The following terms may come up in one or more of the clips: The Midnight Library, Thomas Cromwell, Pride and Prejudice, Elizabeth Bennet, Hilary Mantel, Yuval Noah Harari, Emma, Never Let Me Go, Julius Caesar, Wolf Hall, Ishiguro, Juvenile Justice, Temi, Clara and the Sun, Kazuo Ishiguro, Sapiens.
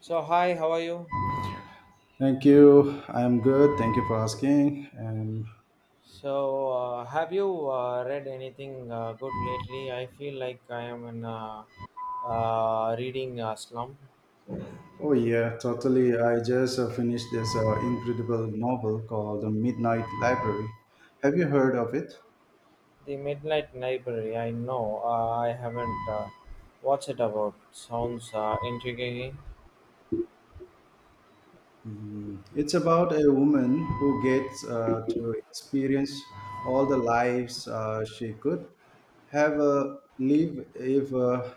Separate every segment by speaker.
Speaker 1: So hi, how are you?
Speaker 2: Thank you. I'm good. Thank you for asking. And
Speaker 1: So have you read anything good lately? I feel like I am in a reading slump.
Speaker 2: oh yeah, totally. I just finished this incredible novel called The Midnight Library. Have you heard of it?
Speaker 1: The Midnight Library. I know I haven't. What's it about? Sounds intriguing.
Speaker 2: Mm, it's about a woman who gets to experience all the lives she could have live if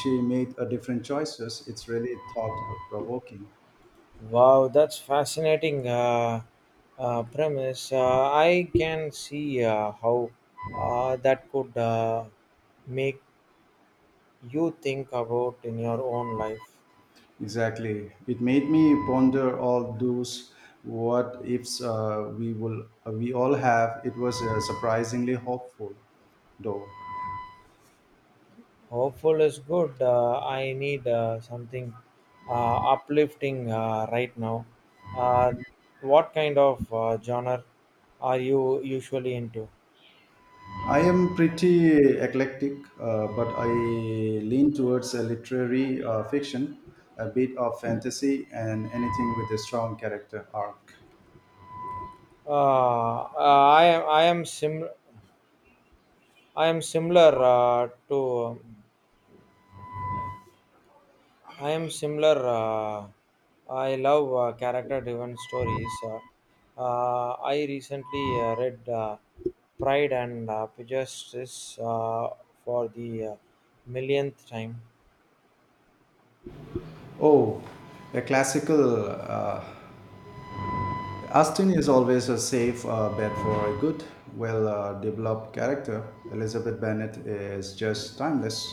Speaker 2: she made a different choices. It's really thought provoking.
Speaker 1: Wow, that's fascinating premise. I can see how that could make you think about in your own life.
Speaker 2: Exactly. It made me ponder all those what ifs we all have. It was surprisingly hopeful, though.
Speaker 1: Hopeful is good. I need something uplifting right now. Uh, what kind of genre are you usually into?
Speaker 2: I am pretty eclectic, but I lean towards literary fiction, a bit of fantasy, and anything with a strong character arc.
Speaker 1: Uh, uh, I am. I am sim. I am similar to. I am similar. I love character-driven stories. I recently read Pride and Prejudice for the millionth time.
Speaker 2: Oh, a classical Astin is always a safe bet for a good, well, developed character. Elizabeth Bennet is just timeless.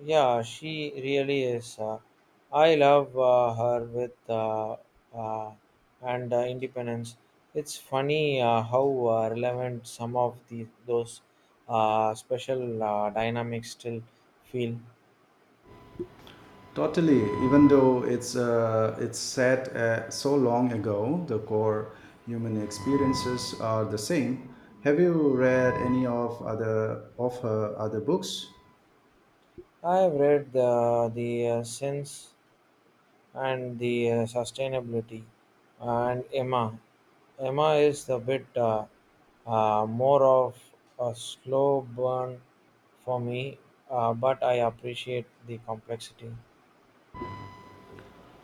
Speaker 1: Yeah, she really is. I love her with uh, and independence. It's funny how relevant some of the those special dynamics still feel.
Speaker 2: Totally, even though it's set so long ago, the core human experiences are the same. Have you read any of other of her other books?
Speaker 1: I've read the since. And the sustainability and Emma. Emma is a bit more of a slow burn for me, but I appreciate the complexity.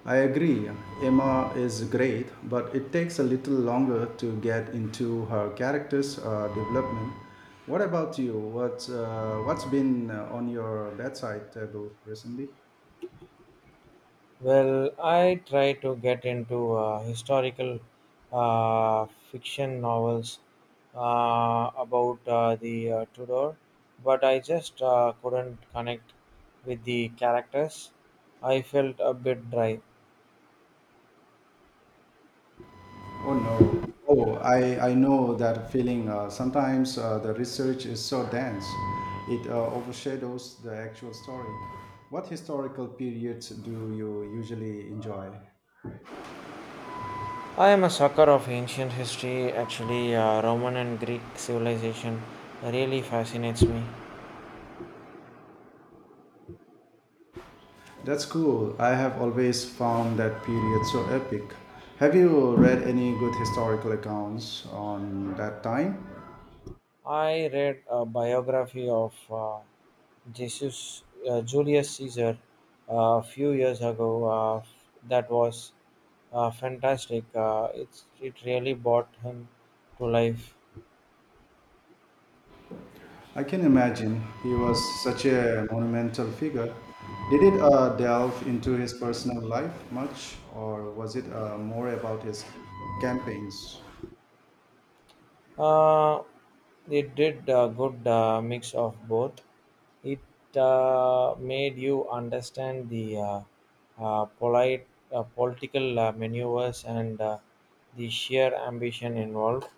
Speaker 2: I agree, Emma is great, but it takes a little longer to get into her character's development. What about you? What's been on your bedside table recently?
Speaker 1: Well, I try to get into historical uh, fiction novels about the Tudor, but I just couldn't connect with the characters. I felt a bit dry.
Speaker 2: Oh no. Oh, I know that feeling. Sometimes the research is so dense, it overshadows the actual story. What historical periods do you usually enjoy?
Speaker 1: I am a sucker of ancient history. Actually, Roman and Greek civilization really fascinates me.
Speaker 2: That's cool. I have always found that period so epic. Have you read any good historical accounts on that time?
Speaker 1: I read a biography of Jesus Julius Caesar uh, a few years ago. That was fantastic. It really brought him to life.
Speaker 2: I can imagine he was such a monumental figure. Did it delve into his personal life much, or was it more about his campaigns?
Speaker 1: Uh, it did a good mix of both. It made you understand the polite political maneuvers and the sheer ambition involved.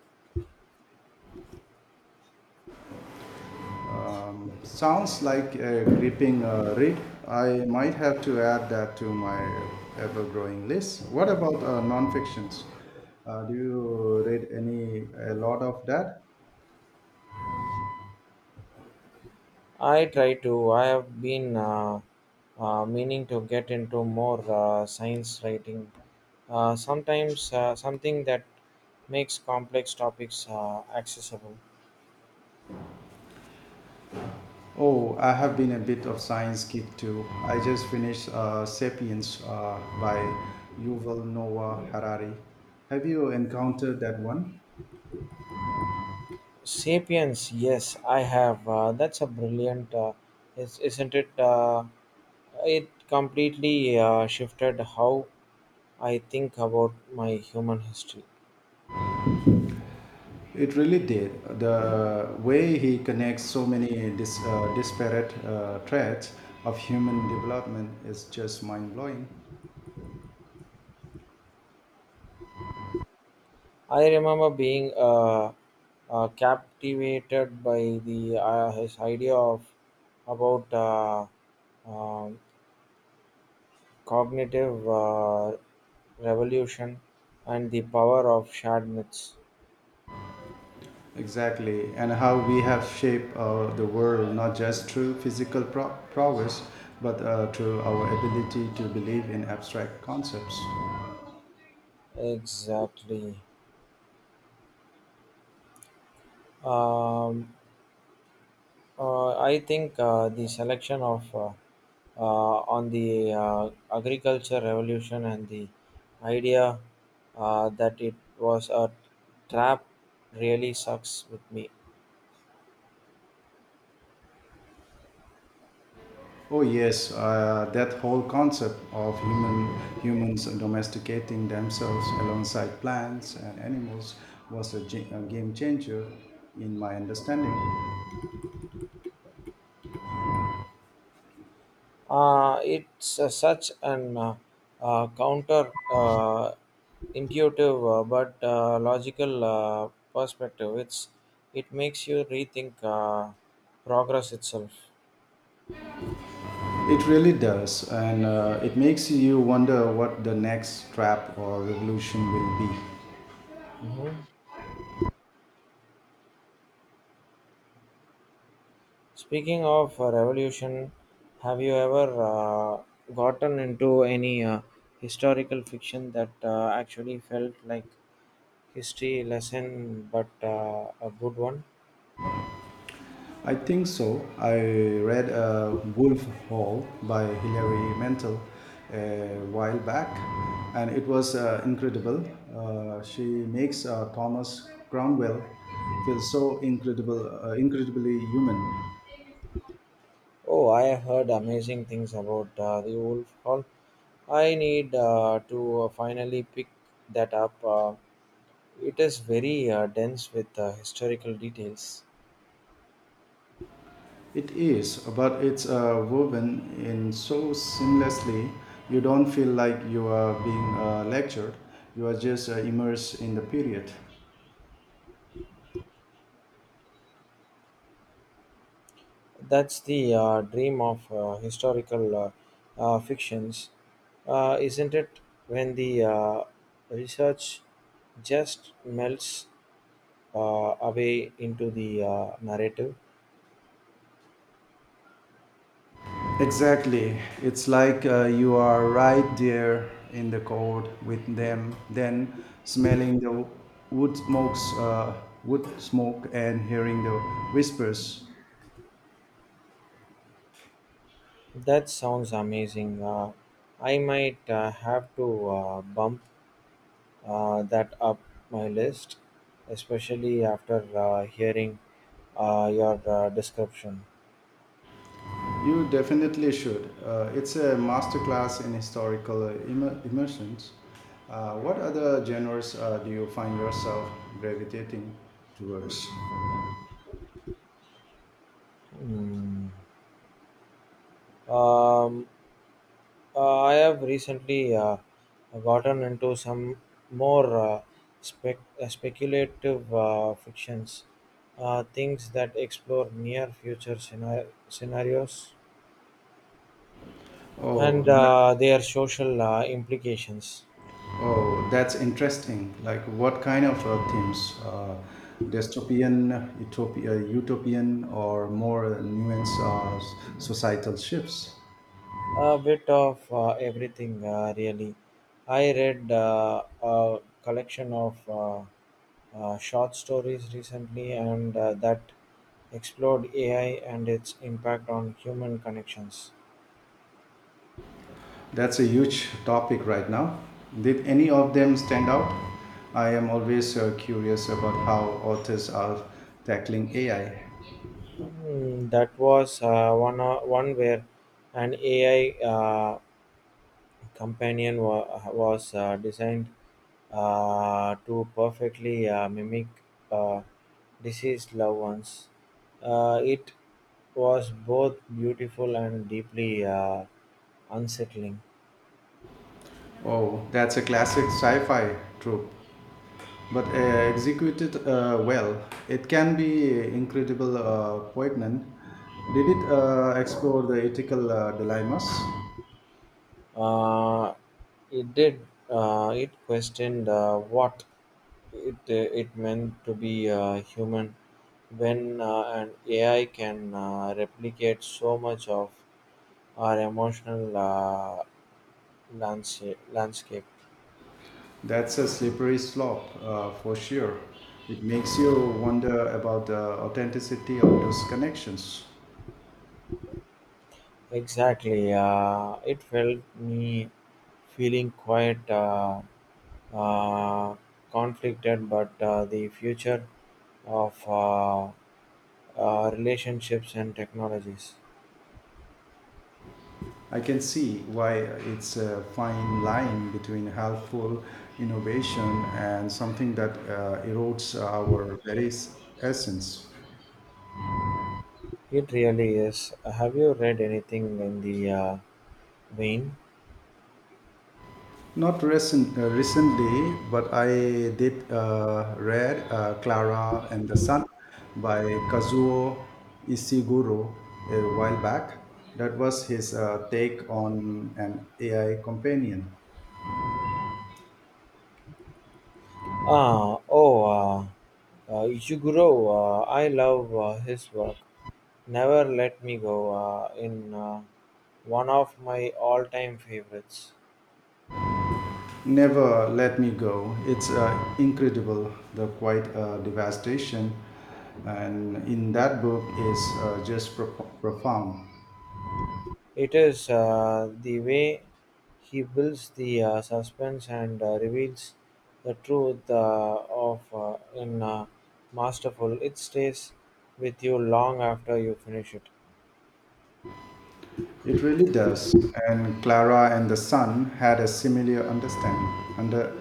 Speaker 2: Sounds like a gripping read. I might have to add that to my ever growing list. What about non-fictions? Do you read any a lot of that?
Speaker 1: I try to. I have been meaning to get into more science writing. Sometimes something that makes complex topics accessible.
Speaker 2: Oh, I have been a bit of science geek too. I just finished *Sapiens* by Yuval Noah Harari. Have you encountered that one?
Speaker 1: Sapiens, yes, I have. That's a brilliant, isn't it? It completely shifted how I think about my human history.
Speaker 2: It really did. The way he connects so many disparate threads of human development is just mind blowing.
Speaker 1: I remember being captivated by the his idea of about um cognitive revolution and the power of shared myths.
Speaker 2: Exactly. And how we have shaped the world not just through physical prowess, but through our ability to believe in abstract concepts.
Speaker 1: Exactly. Um, I think the selection of on the agriculture revolution and the idea that it was a trap really sucks with me.
Speaker 2: Oh yes, that whole concept of humans domesticating themselves alongside plants and animals was a game changer in my understanding.
Speaker 1: It's such an counter intuitive, but logical perspective. It makes you rethink progress itself.
Speaker 2: It really does, and it makes you wonder what the next trap or revolution will be.
Speaker 1: Mhm. Speaking of revolution, have you ever gotten into any historical fiction that actually felt like history lesson but a good one?
Speaker 2: I think so. I read Wolf Hall by Hilary Mantel a while back, and it was incredible. She makes Thomas Cromwell feel so incredibly human.
Speaker 1: Oh, I heard amazing things about the Wolf Hall. I need to finally pick that up. It is very dense with historical details.
Speaker 2: It is, but it's woven in so seamlessly. You don't feel like you are being lectured. You are just immersed in the period.
Speaker 1: That's the dream of historical fictions, isn't it? When the research just melts away into the narrative.
Speaker 2: Exactly. It's like you are right there in the cold with them, then smelling the wood smokes, uh, wood smoke, and hearing the whispers.
Speaker 1: That sounds amazing. I might have to bump that up my list, especially after hearing your description.
Speaker 2: You definitely should. It's a masterclass in historical immersions. What other genres do you find yourself gravitating towards?
Speaker 1: Hmm. Um, I have recently gotten into some more speculative fictions, things that explore near future scenarios
Speaker 2: Oh,
Speaker 1: and
Speaker 2: that's
Speaker 1: their social implications.
Speaker 2: Oh, that's interesting. Like, what kind of themes? Dystopian, utopian, or more nuanced societal shifts?
Speaker 1: A bit of everything, really. I read a collection of short stories recently, and that explored AI and its impact on human connections.
Speaker 2: That's a huge topic right now. Did any of them stand out? I am always curious about how authors are tackling AI.
Speaker 1: Hmm, that was one where an AI uh, companion was designed to perfectly mimic uh, deceased loved ones. It was both beautiful and deeply unsettling.
Speaker 2: Oh, that's a classic sci fi trope, but executed well. It can be incredible poignant. Did it explore the ethical dilemmas?
Speaker 1: Uh, it did. It questioned what it uh, it meant to be human when an AI can replicate so much of our emotional landscape.
Speaker 2: That's a slippery slope for sure. It makes you wonder about the authenticity of those connections.
Speaker 1: Exactly. It felt me feeling quite uh, conflicted, but the future of relationships and technologies.
Speaker 2: I can see why it's a fine line between helpful innovation and something that erodes our very essence.
Speaker 1: It really is. Have you read anything in the vein?
Speaker 2: Not recently, but I did read Clara and the Sun by Kazuo Ishiguro a while back. That was his take on an AI companion.
Speaker 1: Ah, oh, uh, Ishiguro. I love his work. Never Let Me Go in one of my all-time favorites.
Speaker 2: Never Let Me Go. It's incredible, the quiet devastation. And in that book is just profound.
Speaker 1: It is the way he builds the suspense and reveals the truth of in masterful. It stays with you long after you finish it.
Speaker 2: It really does. And Clara and the son had a similar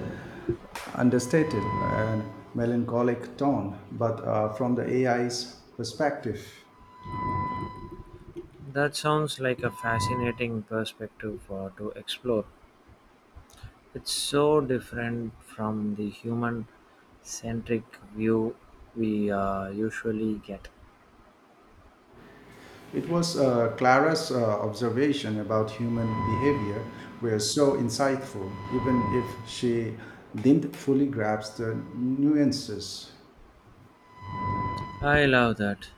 Speaker 2: understated and melancholic tone, but from the AI's perspective.
Speaker 1: That sounds like a fascinating perspective to explore. It's so different from the human centric view we usually get.
Speaker 2: It was Clara's observation about human behavior were so insightful, even if she didn't fully grasp the nuances.
Speaker 1: I love that.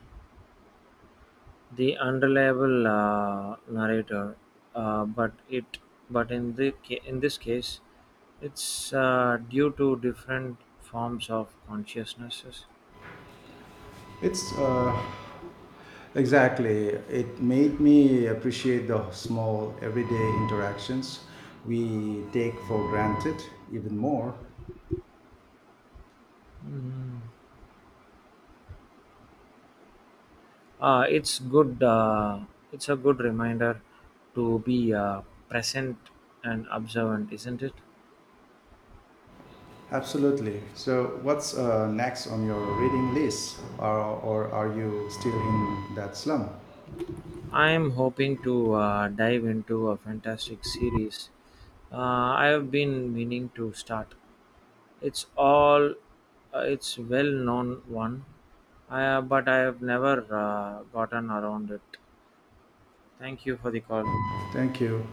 Speaker 1: The unreliable narrator, uh, but it but in the in this case, it's due to different forms of consciousnesses.
Speaker 2: It's Exactly. It made me appreciate the small everyday interactions we take for granted even more.
Speaker 1: Mm. Uh, it's good. Uh, it's a good reminder to be present and observant, isn't it?
Speaker 2: Absolutely. So, what's next on your reading list? Or are you still in that slum?
Speaker 1: I'm hoping to dive into a fantastic series uh, I have been meaning to start. It's all, it's well known one, but I have never gotten around it. Thank you for the call.
Speaker 2: Thank you.